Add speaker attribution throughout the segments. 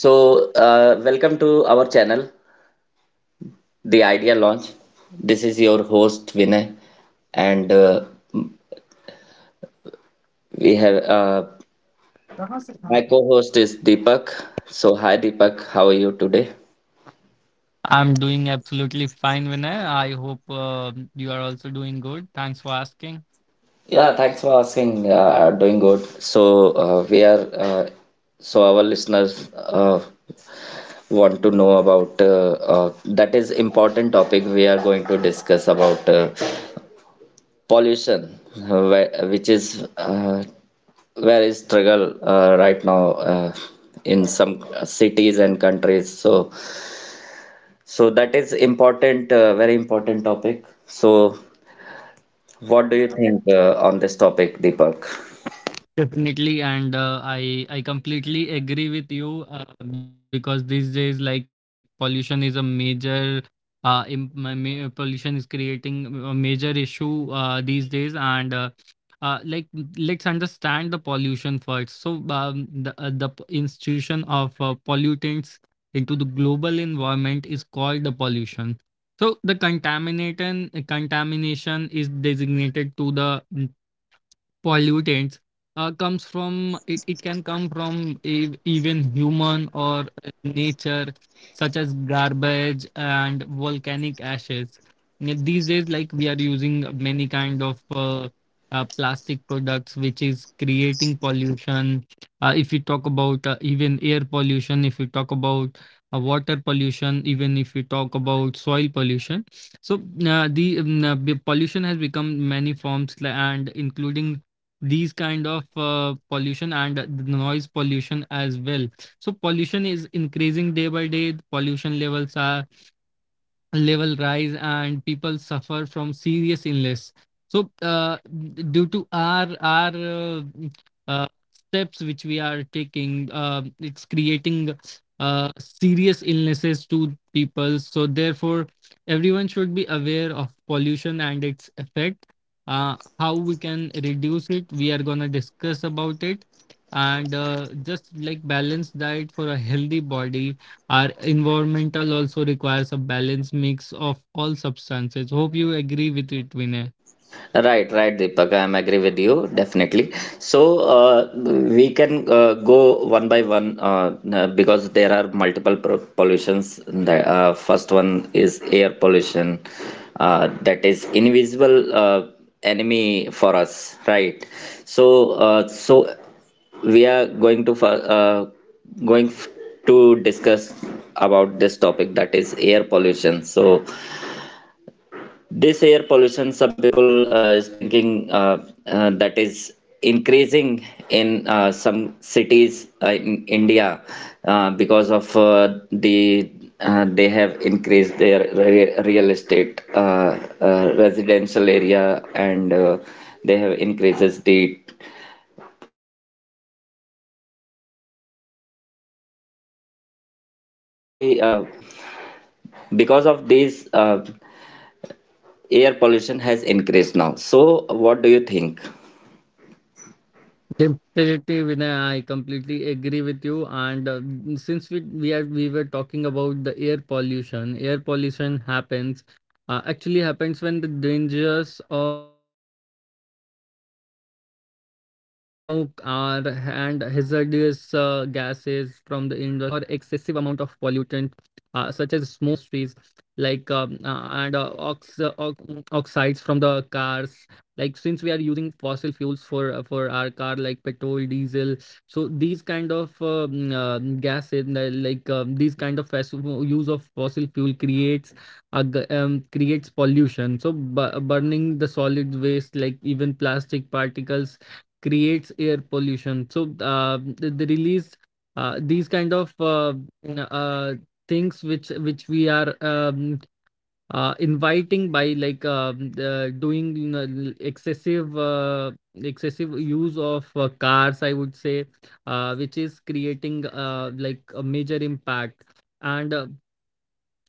Speaker 1: Welcome to our channel, The Idea Launch. This is your host Vinay, and we have
Speaker 2: कहाँ से
Speaker 1: my
Speaker 2: कहाँ तक
Speaker 1: co-host is Deepak. So hi Deepak, how are you today?
Speaker 2: I'm doing absolutely fine, Vinay. I hope you are also doing good. Thanks for asking.
Speaker 1: Yeah, thanks for asking. Doing good. We are so our listeners want to know about that is important topic. We are going to discuss about pollution which is very struggle right now, uh, in some cities and countries. So so that is important, very important topic. So what do you
Speaker 2: आधा घंटा
Speaker 1: think on this topic, deepak?
Speaker 2: Definitely, and I completely agree with you, uh, because these days, like pollution is a major, im- ma- ma- pollution is creating a major issue these days, and like let's understand the pollution first. So the institution of pollutants into the global environment is called the pollution. So the contamination is designated to the pollutants. Comes from it. Can come from even human or nature, such as garbage and volcanic ashes. Yeah, these days, like we are using many kind of plastic products, which is creating pollution. If we talk about even air pollution, if we talk about water pollution, even if we
Speaker 1: Yeah,
Speaker 2: talk about soil
Speaker 1: air
Speaker 2: pollution.
Speaker 1: pollution, smoke
Speaker 2: So
Speaker 1: pollutions.
Speaker 2: pollution has become many forms and including these kind of pollution and the noise pollution as well. So pollution is increasing day by day. The pollution levels are level rise and people suffer from serious illness. So due to our uh, steps which we are taking, it's creating serious illnesses to people, so therefore everyone should be aware of pollution and its effect. How we can reduce it, we are going to discuss about it. And just like balance diet for a healthy body, our environmental also requires a balanced mix of all substances. Hope you agree with it, Vinay.
Speaker 1: Right, right, Deepak. I'm agree with you definitely. So we can go one by one because there are multiple pollutions. The first one is air pollution, that is invisible enemy for us, right? So we are going to going f- to discuss about this topic, that is air pollution. So this air pollution, some people is thinking that is increasing in some cities in India, because of they have increased their re real estate residential area, and they have increases the vehicle, right? So these are the because of these. Air pollution has increased now. So, what do you think?
Speaker 2: Definitely, Vinay, I completely agree with you. And since we were talking about the air pollution happens, actually happens when the dangerous or excessive amount of pollutant, such as smoke or and hazardous gases from the industries, like oxides from the cars. Like since we are using fossil fuels for our car, like petrol, diesel. So these kind of gases, like these kind of use of fossil fuel creates a, creates pollution. So burning the solid waste, like even plastic particles, creates air pollution. So the release these kind of uh, things which we are inviting by like the doing, you know, excessive excessive use of cars, I would say, which is creating like a major impact. And uh,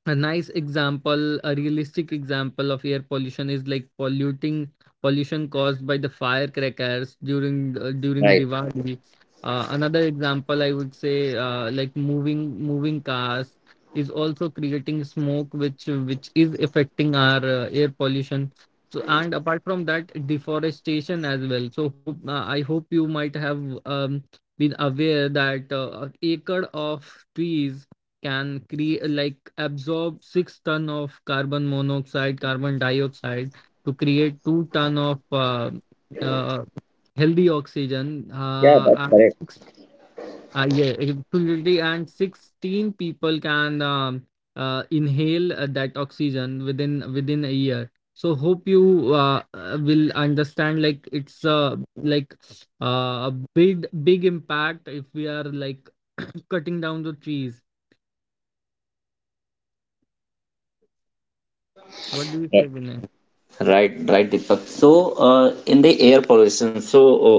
Speaker 2: a nice example, a realistic example of air pollution is like polluting pollution caused by the firecrackers during during
Speaker 1: Right.
Speaker 2: Diwali. Another example I would say, like moving cars is also creating smoke, which is affecting our air pollution. So and apart from that, deforestation as well. So hope, I hope you might have um, been aware that acre of trees can create, like absorb 6 ton of carbon monoxide, carbon dioxide, to create 2 ton of uh, healthy oxygen
Speaker 1: Yeah, that's correct.
Speaker 2: yeah, absolutely, and 16 people can inhale that oxygen within within a year. So hope you will understand, like it's like a big impact if we are like cutting down the trees. What do you say,
Speaker 1: Right,
Speaker 2: Vinay?
Speaker 1: right, right, Deepak. So, in the air pollution, so uh,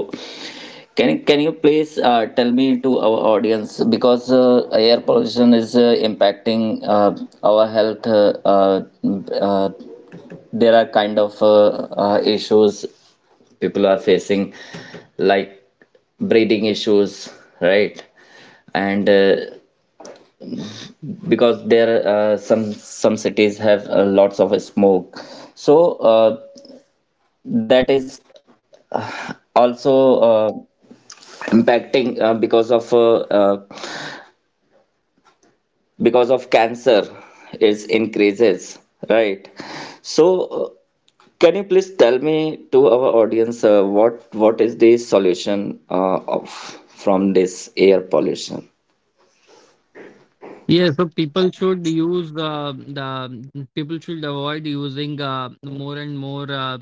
Speaker 1: can you please tell me to our audience, because air pollution is impacting our health. Uh, there are kind of issues people are facing, like breathing issues, right? And Because there some cities have lots of smoke, so that is also. Impacting because of cancer is increases, right. So uh, can you please tell me to our audience what is the solution of from this air pollution?
Speaker 2: Yeah, so people should use, the people should avoid using more and more uh,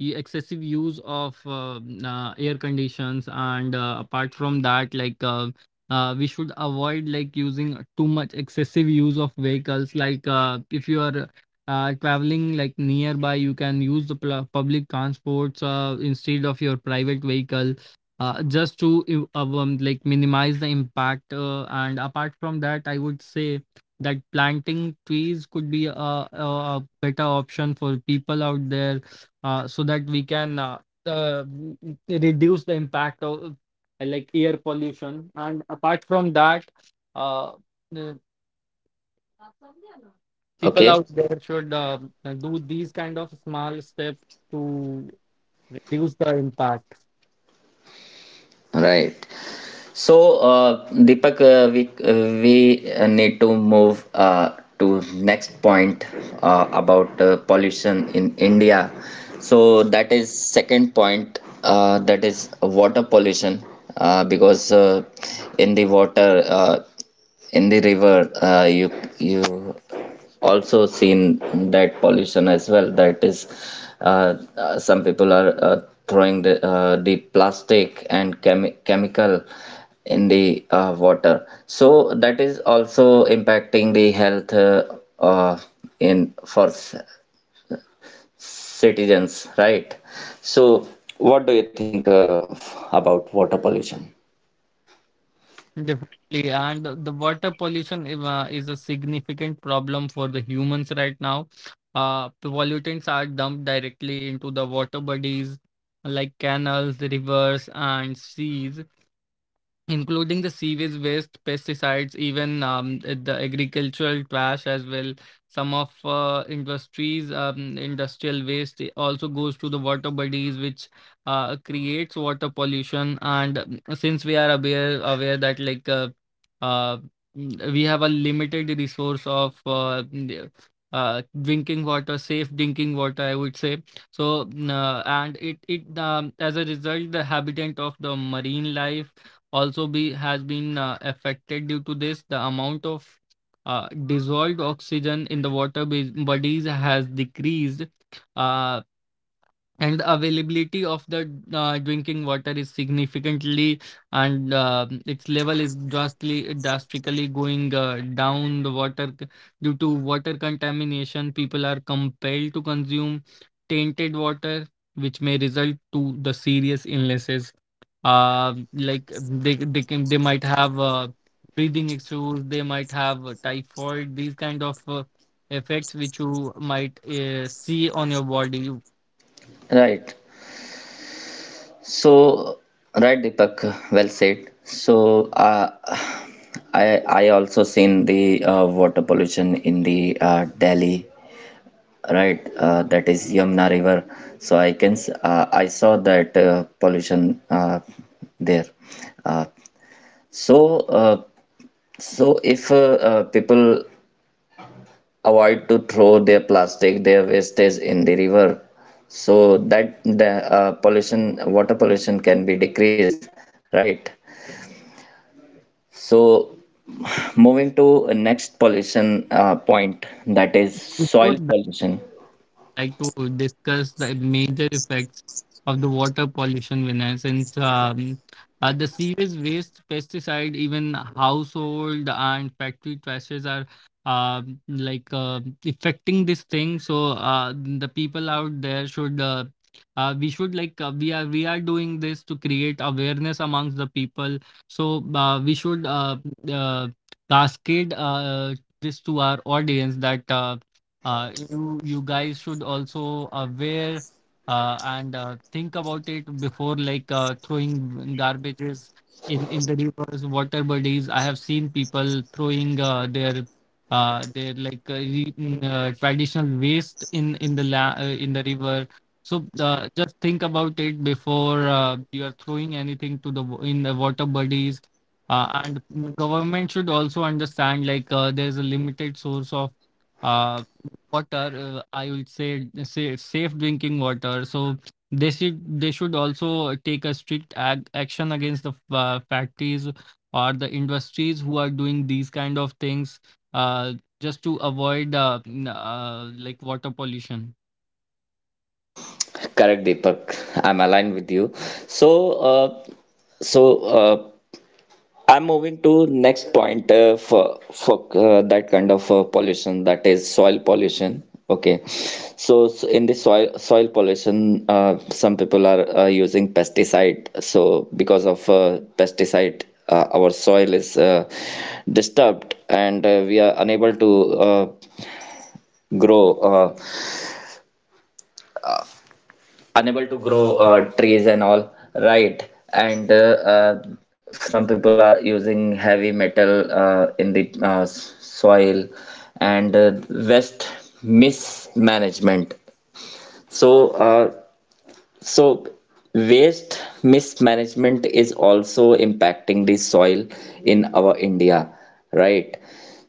Speaker 2: e- excessive use of air conditions, and apart from that, like we should avoid like using too much excessive use of vehicles. Like if you are traveling like nearby, you can use the public transports instead of your private vehicle, just to like minimize the impact. And apart from that, I would say that planting trees could be a better option for people out there, so that we can uh, reduce the impact of like air pollution. And apart from that, uh, the people
Speaker 1: Okay.
Speaker 2: out there should do these kind of small steps to reduce the impact.
Speaker 1: Right. So, Deepak, we we need to move to next point about pollution in India. So that is second point. That is water pollution, because in the water, in the river, you you also seen that pollution as well. That is some people are throwing the plastic and chemical in the water, so that is also impacting the health, uh, in for citizens, right. So what do you think about water pollution?
Speaker 2: Definitely, and the water pollution is a significant problem for the humans right now. Pollutants are dumped directly into the water bodies, like canals, rivers, and seas, including the sewage waste, pesticides, even the agricultural trash as well. Some of industrial waste also goes to the water bodies, which creates water pollution. And since we are aware that like uh, we have a limited resource of drinking water, safe drinking water, I would say. So, and it as a result, the habitat of the marine life also be has been affected due to this. The amount of dissolved oxygen in the water bodies has decreased, uh, and availability of the drinking water is significantly, and its level is drastically going down the due to water contamination, people are compelled to consume tainted water, which may result to the serious illnesses. Like they might have breathing issues, they might have typhoid, these kind of effects which you might see on your body,
Speaker 1: Right. So, right, Deepak, well said. So, I also seen the water pollution in the Delhi, right? That is Yamuna River. So I can I saw that pollution there. Uh, so uh, so if people avoid to throw their plastic, their wastage in the river, so that the pollution, water pollution, can be decreased, right? So, moving to next pollution point, that is
Speaker 2: before
Speaker 1: soil pollution.
Speaker 2: like to discuss the major effects of the water pollution winner. Since the sewage waste, pesticide, even household and factory trashes are uh, like uh, affecting this thing. So the people out there should we should, like we are doing this to create awareness amongst the people. So we should uh, cascade this to our audience that you you guys should also aware, and think about it before like throwing garbages in the rivers, water bodies. I have seen people throwing their traditional waste in the in the river. So just think about it before you are throwing anything to the in the water bodies, and government should also understand, like there is a limited source of uh, water, I would say, say safe drinking water. So they should also take a strict action against the factories or the industries who are doing these kind of things, uh, just to avoid like water pollution.
Speaker 1: Correct, Deepak. I'm aligned with you. So, so uh, I'm moving to next point for that kind of pollution, that is soil pollution. Okay, so, so in the soil pollution, some people are using pesticide. So because of pesticide, our soil is disturbed, and we are unable to grow. Unable to grow trees and all, right. And uh, uh, some people are using heavy metal in the soil, and waste mismanagement. So uh, so, waste mismanagement is also impacting the soil in our India, right?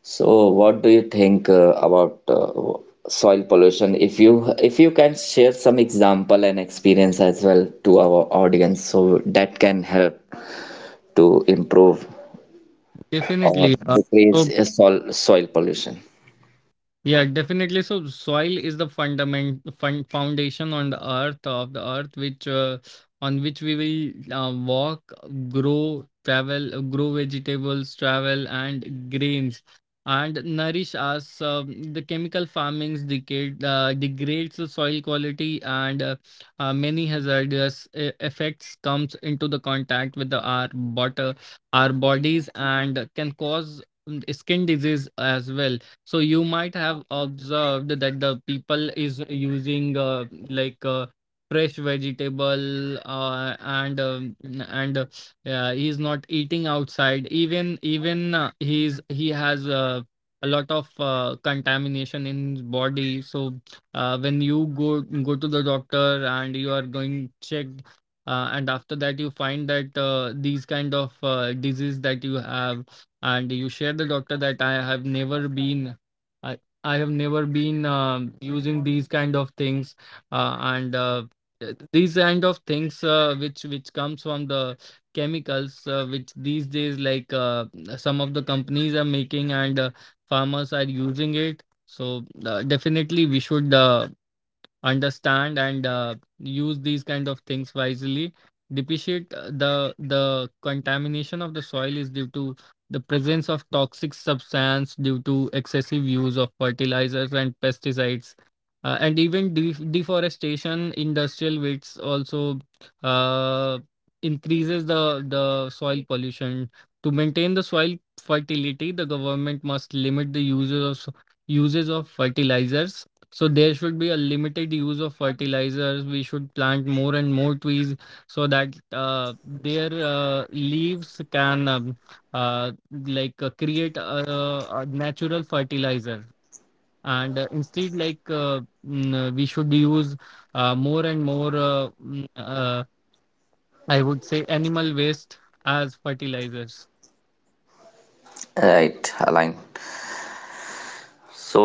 Speaker 1: So, what do you think about soil pollution? If you can share some example and experience as well to our audience, so that can help to improve or
Speaker 2: Definitely
Speaker 1: decrease
Speaker 2: so
Speaker 1: sol soil pollution.
Speaker 2: Yeah, definitely. So soil is the foundation on the earth of the earth, which on which we will walk, grow, travel, grow vegetables, travel and grains, and nourish us. Um, the chemical farmings decade degrades the soil quality, and many hazardous effects comes into the contact with the, our water, our bodies, and can cause skin disease as well. So you might have observed that the people is using fresh vegetable and yeah, he's not eating outside. Even even He's he has a lot of contamination in his body. So when you go to the doctor and you are going checked. And after that, you find that these kind of disease that you have, and you share the doctor that I have never been, I I have never been using these kind of things, and these kind of things which comes from the chemicals which these days, like some of the companies are making and farmers are using it. So definitely we should understand and use these kind of things wisely. Depreciate the the contamination of the soil is due to the presence of toxic substance due to excessive use of fertilizers and pesticides, and even deforestation industrial wastes also uh, increases the soil pollution. To maintain the soil fertility, the government must limit the uses of fertilizers. So there should be a limited use of fertilizers. We should plant more and more trees, so that their leaves can create a natural fertilizer. And instead, like we should use more and more, I would say, animal waste as fertilizers.
Speaker 1: Right, Align. So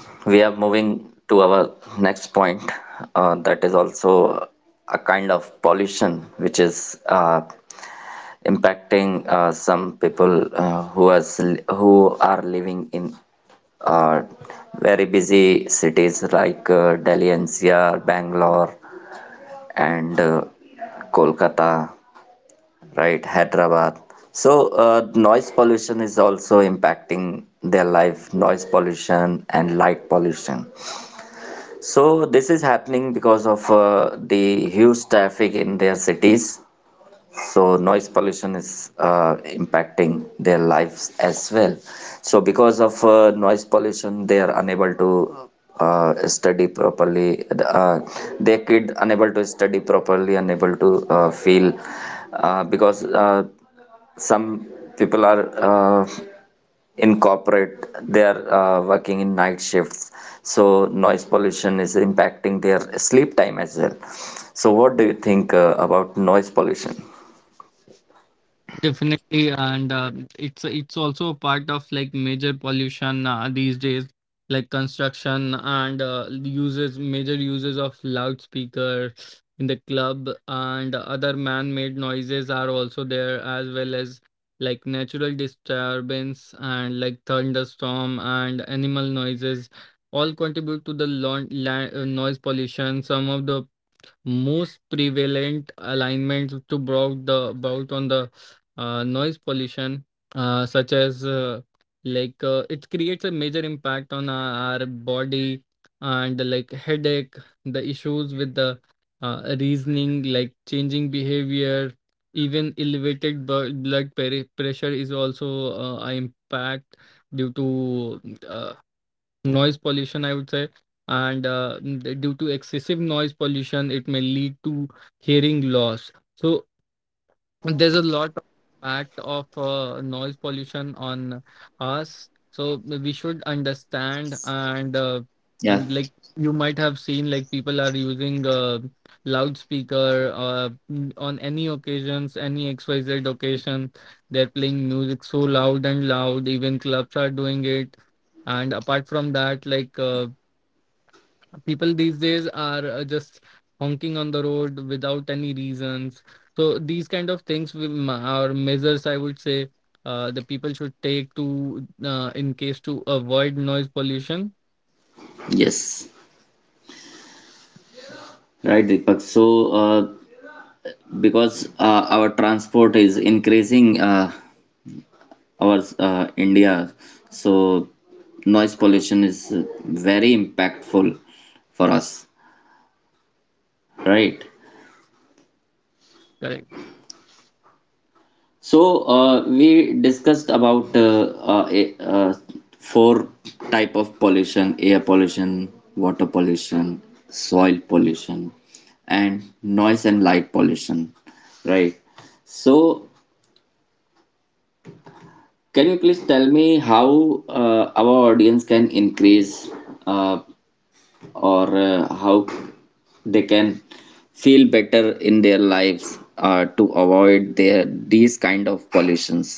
Speaker 1: we are moving to our next point, that is also a kind of pollution, which is impacting some people who has who are living in uh, very busy cities like Delhi NCR, Bangalore, and Kolkata, right, Hyderabad. So noise pollution is also impacting their life. Noise pollution and light pollution. So this is happening because of the huge traffic in their cities. So noise pollution is impacting their lives as well. So because of noise pollution, they are unable to study properly. Their kid unable to study properly, unable to feel, because some people are in corporate, they are working in night shifts, so noise pollution is impacting their sleep time as well. So what do you think about noise pollution?
Speaker 2: Definitely, and it's also a part of like major pollution these days, like construction and the uses major uses of loudspeaker in the club and other man-made noises are also there, as well as like natural disturbance and like thunderstorm and animal noises, all contribute to the noise pollution. Some of the most prevalent alignments to brought the about on the noise pollution such as like it creates a major impact on our body and like headache, the issues with the reasoning, like changing behavior, even elevated blood pressure is also a impact due to uh, noise pollution, I would say. Due to excessive noise pollution, it may lead to hearing loss. So there's a lot of impact of noise pollution on us, so we should understand and
Speaker 1: Yeah,
Speaker 2: um, like you might have seen like people are using loudspeaker on any occasions, any xyz occasion. They're playing music so loud and loud, even clubs are doing it. And apart from that, people these days are just honking on the road without any reasons. So these kind of things are measures, I would say, the people should take to in case to avoid noise pollution.
Speaker 1: yes, right, Deepak. So, uh, because our transport is increasing, our India, so noise pollution is very impactful for us, right? So we discussed about four type of pollution: air pollution, water pollution, soil pollution, and noise and light pollution. Right. So can you please tell me how our audience can increase uh, or how they can feel better in their lives to avoid their these kind of pollutions?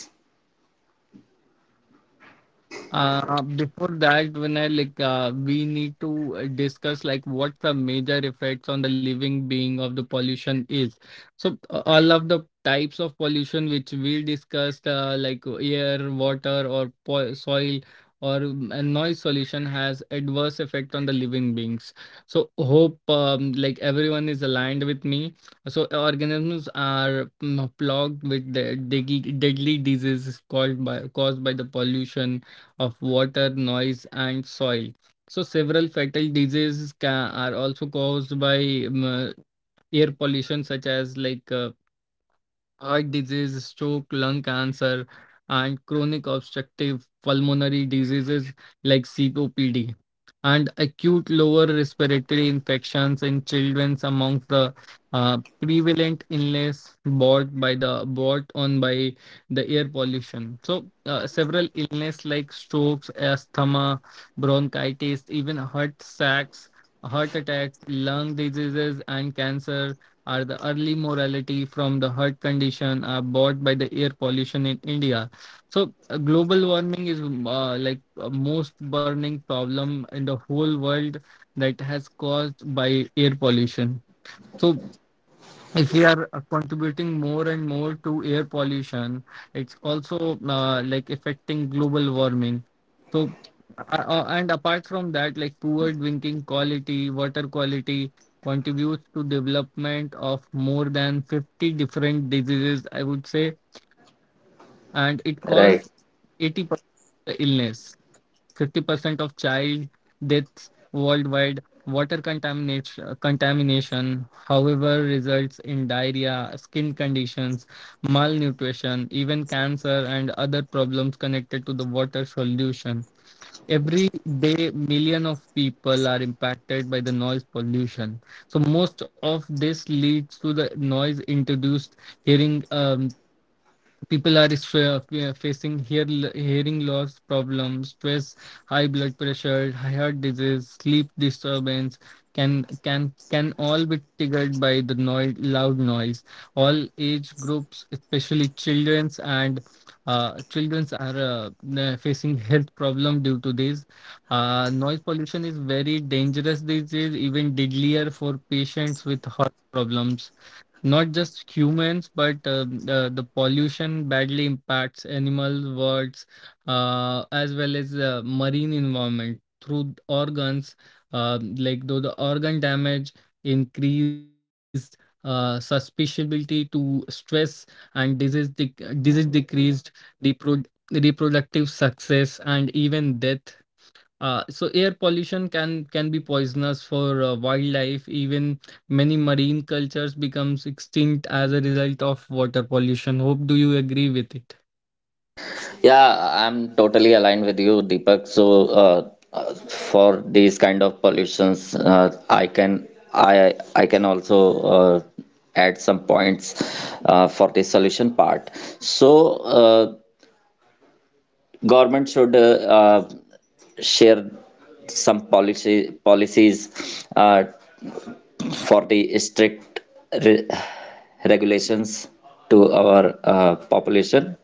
Speaker 2: Before that, Vinay, we need to discuss like what the major effects on the living being of the pollution is. So all of the types of pollution which we discussed, like air, water, or po soil, or a noise pollution has adverse effect on the living beings. So hope like everyone is aligned with me. So organisms are plagued with the deadly diseases called by caused by the pollution of water, noise, and soil. So several fatal diseases are also caused by um, uh, air pollution, such as heart disease, stroke, lung cancer, and chronic obstructive pulmonary diseases like COPD, and acute lower respiratory infections in children amongst the prevalent illness brought on by the air pollution. So several illness like strokes, asthma, bronchitis, even heart attacks, lung diseases, and cancer are the early morality from the heart condition are brought by the air pollution in India. So global warming is most burning problem in the whole world that has caused by air pollution. So if we are contributing more and more to air pollution, it's also affecting global warming. So, and apart from that, like poor drinking quality, water quality contributes to development of more than 50 different diseases, I would say, and it causes
Speaker 1: Right.
Speaker 2: 80% illness. 50% of child deaths worldwide. Water contamination, however, results in diarrhea, skin conditions, malnutrition, even cancer, and other problems connected to the water solution. Every day, million of people are impacted by the noise pollution. So most of this leads to the noise introduced hearing. um, People are facing hearing loss problems, stress, high blood pressure, heart disease, sleep disturbance can all be triggered by the noise, loud noise. All age groups, especially children's, and children's are facing health problem due to this noise pollution is very dangerous disease, even deadlier for patients with heart problems. Not just humans, but the pollution badly impacts animals, birds, as well as marine environment through organs. Though the organ damage, increased susceptibility to stress and disease decreased repro reproductive success, and even death. So air pollution can be poisonous for wildlife. Even many marine cultures becomes extinct as a result of water pollution. Hope do you agree with it?
Speaker 1: Yeah, I'm totally aligned with you, Deepak. So, for these kind of pollutions, I can I can also add some points for the solution part. So, government should uh, share some policy policies for the strict re regulations to our population,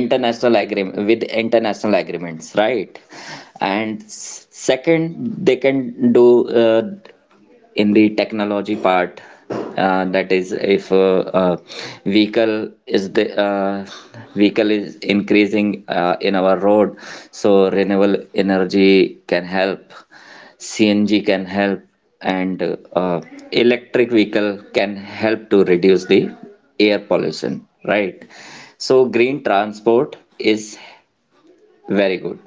Speaker 1: international agreement with international agreements, right. And second, they can do uh, in the technology part, that is if vehicle is the uh, vehicle is increasing in our road. So renewable energy can help, cng can help, and uh, electric vehicle can help to reduce the air pollution, right. So green transport is very good.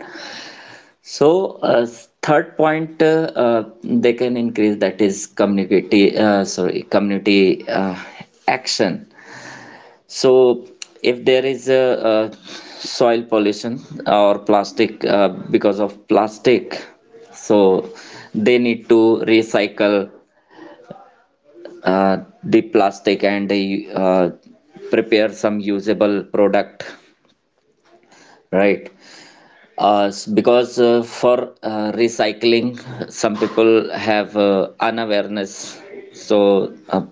Speaker 1: So third point, they can increase, that is community, sorry, community action. So if there is a soil pollution or plastic, because of plastic, so they need to recycle uh, the plastic, and they prepare some usable product, right. Because for recycling, some people have unawareness. So,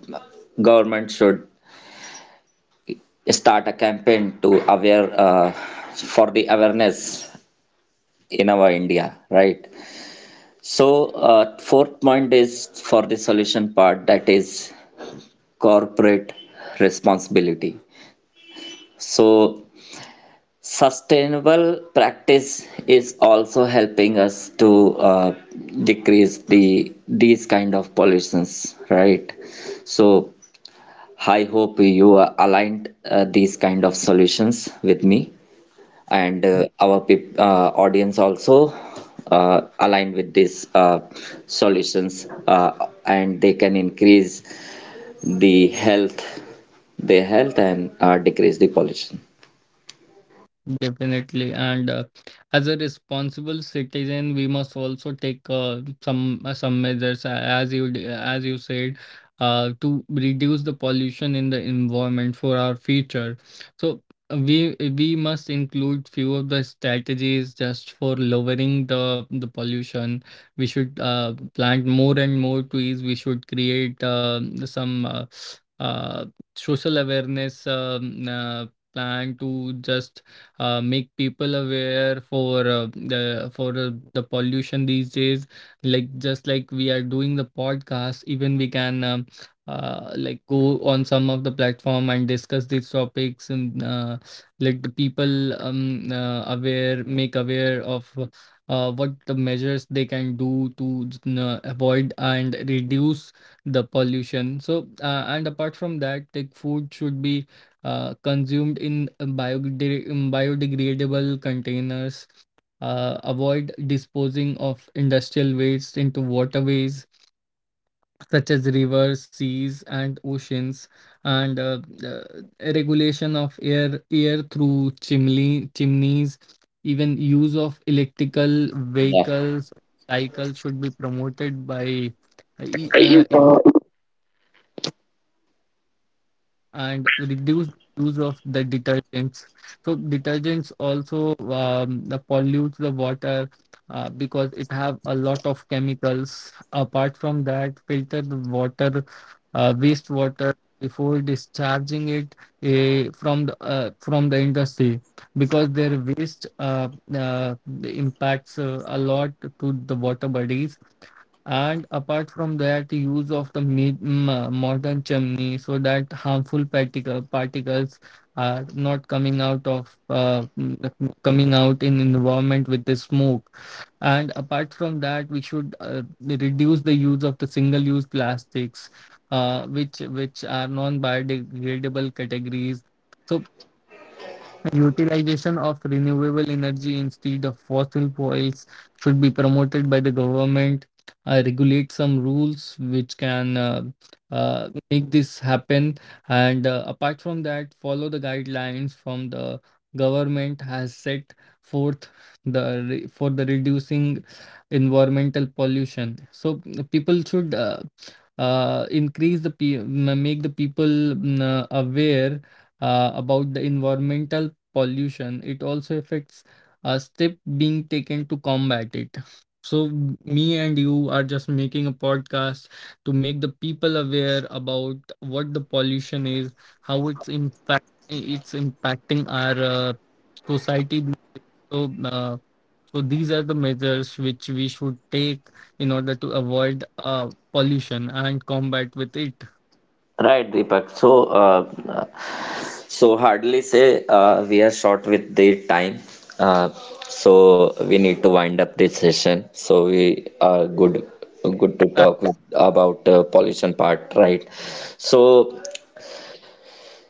Speaker 1: government should start a campaign to aware for the awareness in our India, right? So, fourth point is for the solution part, that is corporate responsibility. So, sustainable practice is also helping us to decrease the these kind of pollutions, right? So I hope you aligned these kind of solutions with me, and our peop audience also aligned with these solutions, and they can increase the health, their health, and decrease the pollution.
Speaker 2: Definitely. And as a responsible citizen, we must also take some measures, as you said, to reduce the pollution in the environment for our future. So we must include few of the strategies just for lowering the pollution. We should plant more and more trees. We should create some uh, social awareness plan to just make people aware for the pollution these days, like just like we are doing the podcast. Even we can go on some of the platform and discuss these topics, and let the people aware make aware of what the measures they can do to avoid and reduce the pollution. So and apart from that, like food should be consumed in biodegradable containers, avoid disposing of industrial waste into waterways such as rivers, seas, and oceans, and uh, regulation of air through chimneys. Even use of electrical
Speaker 1: Yeah.
Speaker 2: vehicles, cycles should be promoted by uh, e- uh, and reduce use of the detergents. So detergents also the pollute the water because it have a lot of chemicals. Apart from that, filter the water, wastewater before discharging it from the industry, because their waste impacts a lot to the water bodies. And apart from that, use of the modern chimney so that harmful particles are not coming out of coming out in environment with the smoke. And apart from that, we should reduce the use of the single-use plastics, which are non-biodegradable categories. So utilization of renewable energy instead of fossil fuels should be promoted by the government. Regulate some rules which can make this happen. And apart from that, follow the guidelines from the government has set forth for the reducing environmental pollution. So people should increase the make the people aware about the environmental pollution, it also affects a step being taken to combat it. So me and you are just making a podcast to make the people aware about what the pollution is, how it's impacting our society. So so these are the measures which we should take in order to avoid pollution and combat with it.
Speaker 1: Right, Deepak. So, so hardly say we are short with the time. Uh, so we need to wind up this session. So we are good, good to talk with, about pollution part, right? So,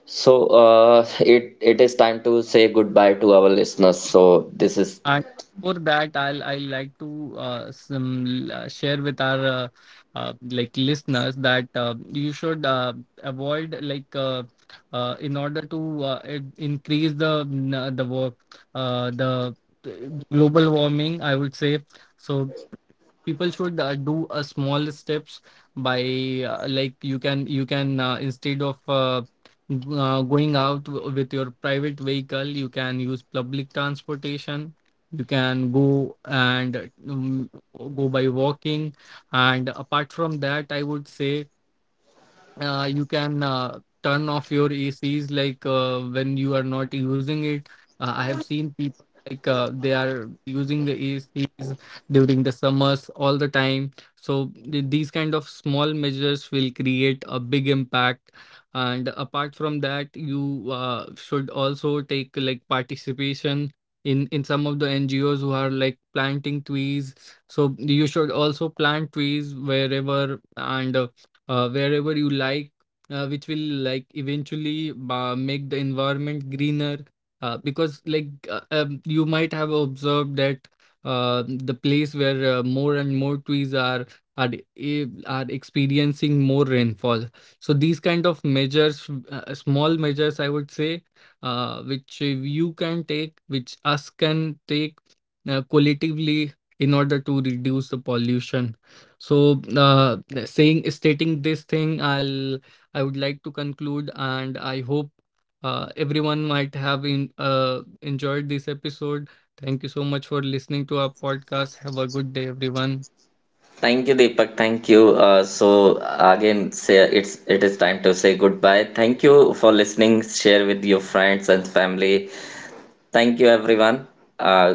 Speaker 1: so it is time to say goodbye to our listeners. So this is.
Speaker 2: And for that, I like to some share with our listeners that you should avoid in order to increase the the work the uh, global warming, I would say. So people should do a small steps by you can instead of going out with your private vehicle, you can use public transportation, you can go and um, go by walking. And apart from that, I would say, you can turn off your ACs, when you are not using it. I have seen people they are using the ACs during the summers all the time. So these kind of small measures will create a big impact. And apart from that, you should also take like participation in some of the NGOs who are like planting trees, so you should also plant trees wherever and wherever you like, which will like eventually make the environment greener. Because like You might have observed that the place where more and more trees are are experiencing more rainfall. So these kind of measures, small measures, I would say, which you can take, which us can take collectively in order to reduce the pollution. So, saying stating this thing, I would like to conclude, and I hope everyone might have enjoyed this episode. Thank you so much for listening to our podcast. Have a good day, everyone.
Speaker 1: Thank you, Deepak. Thank you. So again, say it is time to say goodbye. Thank you for listening. Share with your friends and family. Thank you, everyone. Uh,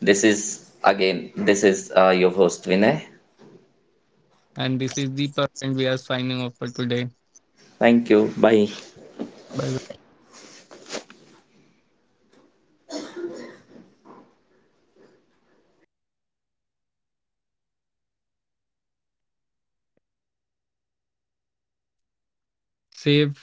Speaker 1: this is again, this is your host Vinay.
Speaker 2: And this is Deepak, and we are signing off for today.
Speaker 1: Thank you. Bye.
Speaker 2: Bye bye. Save.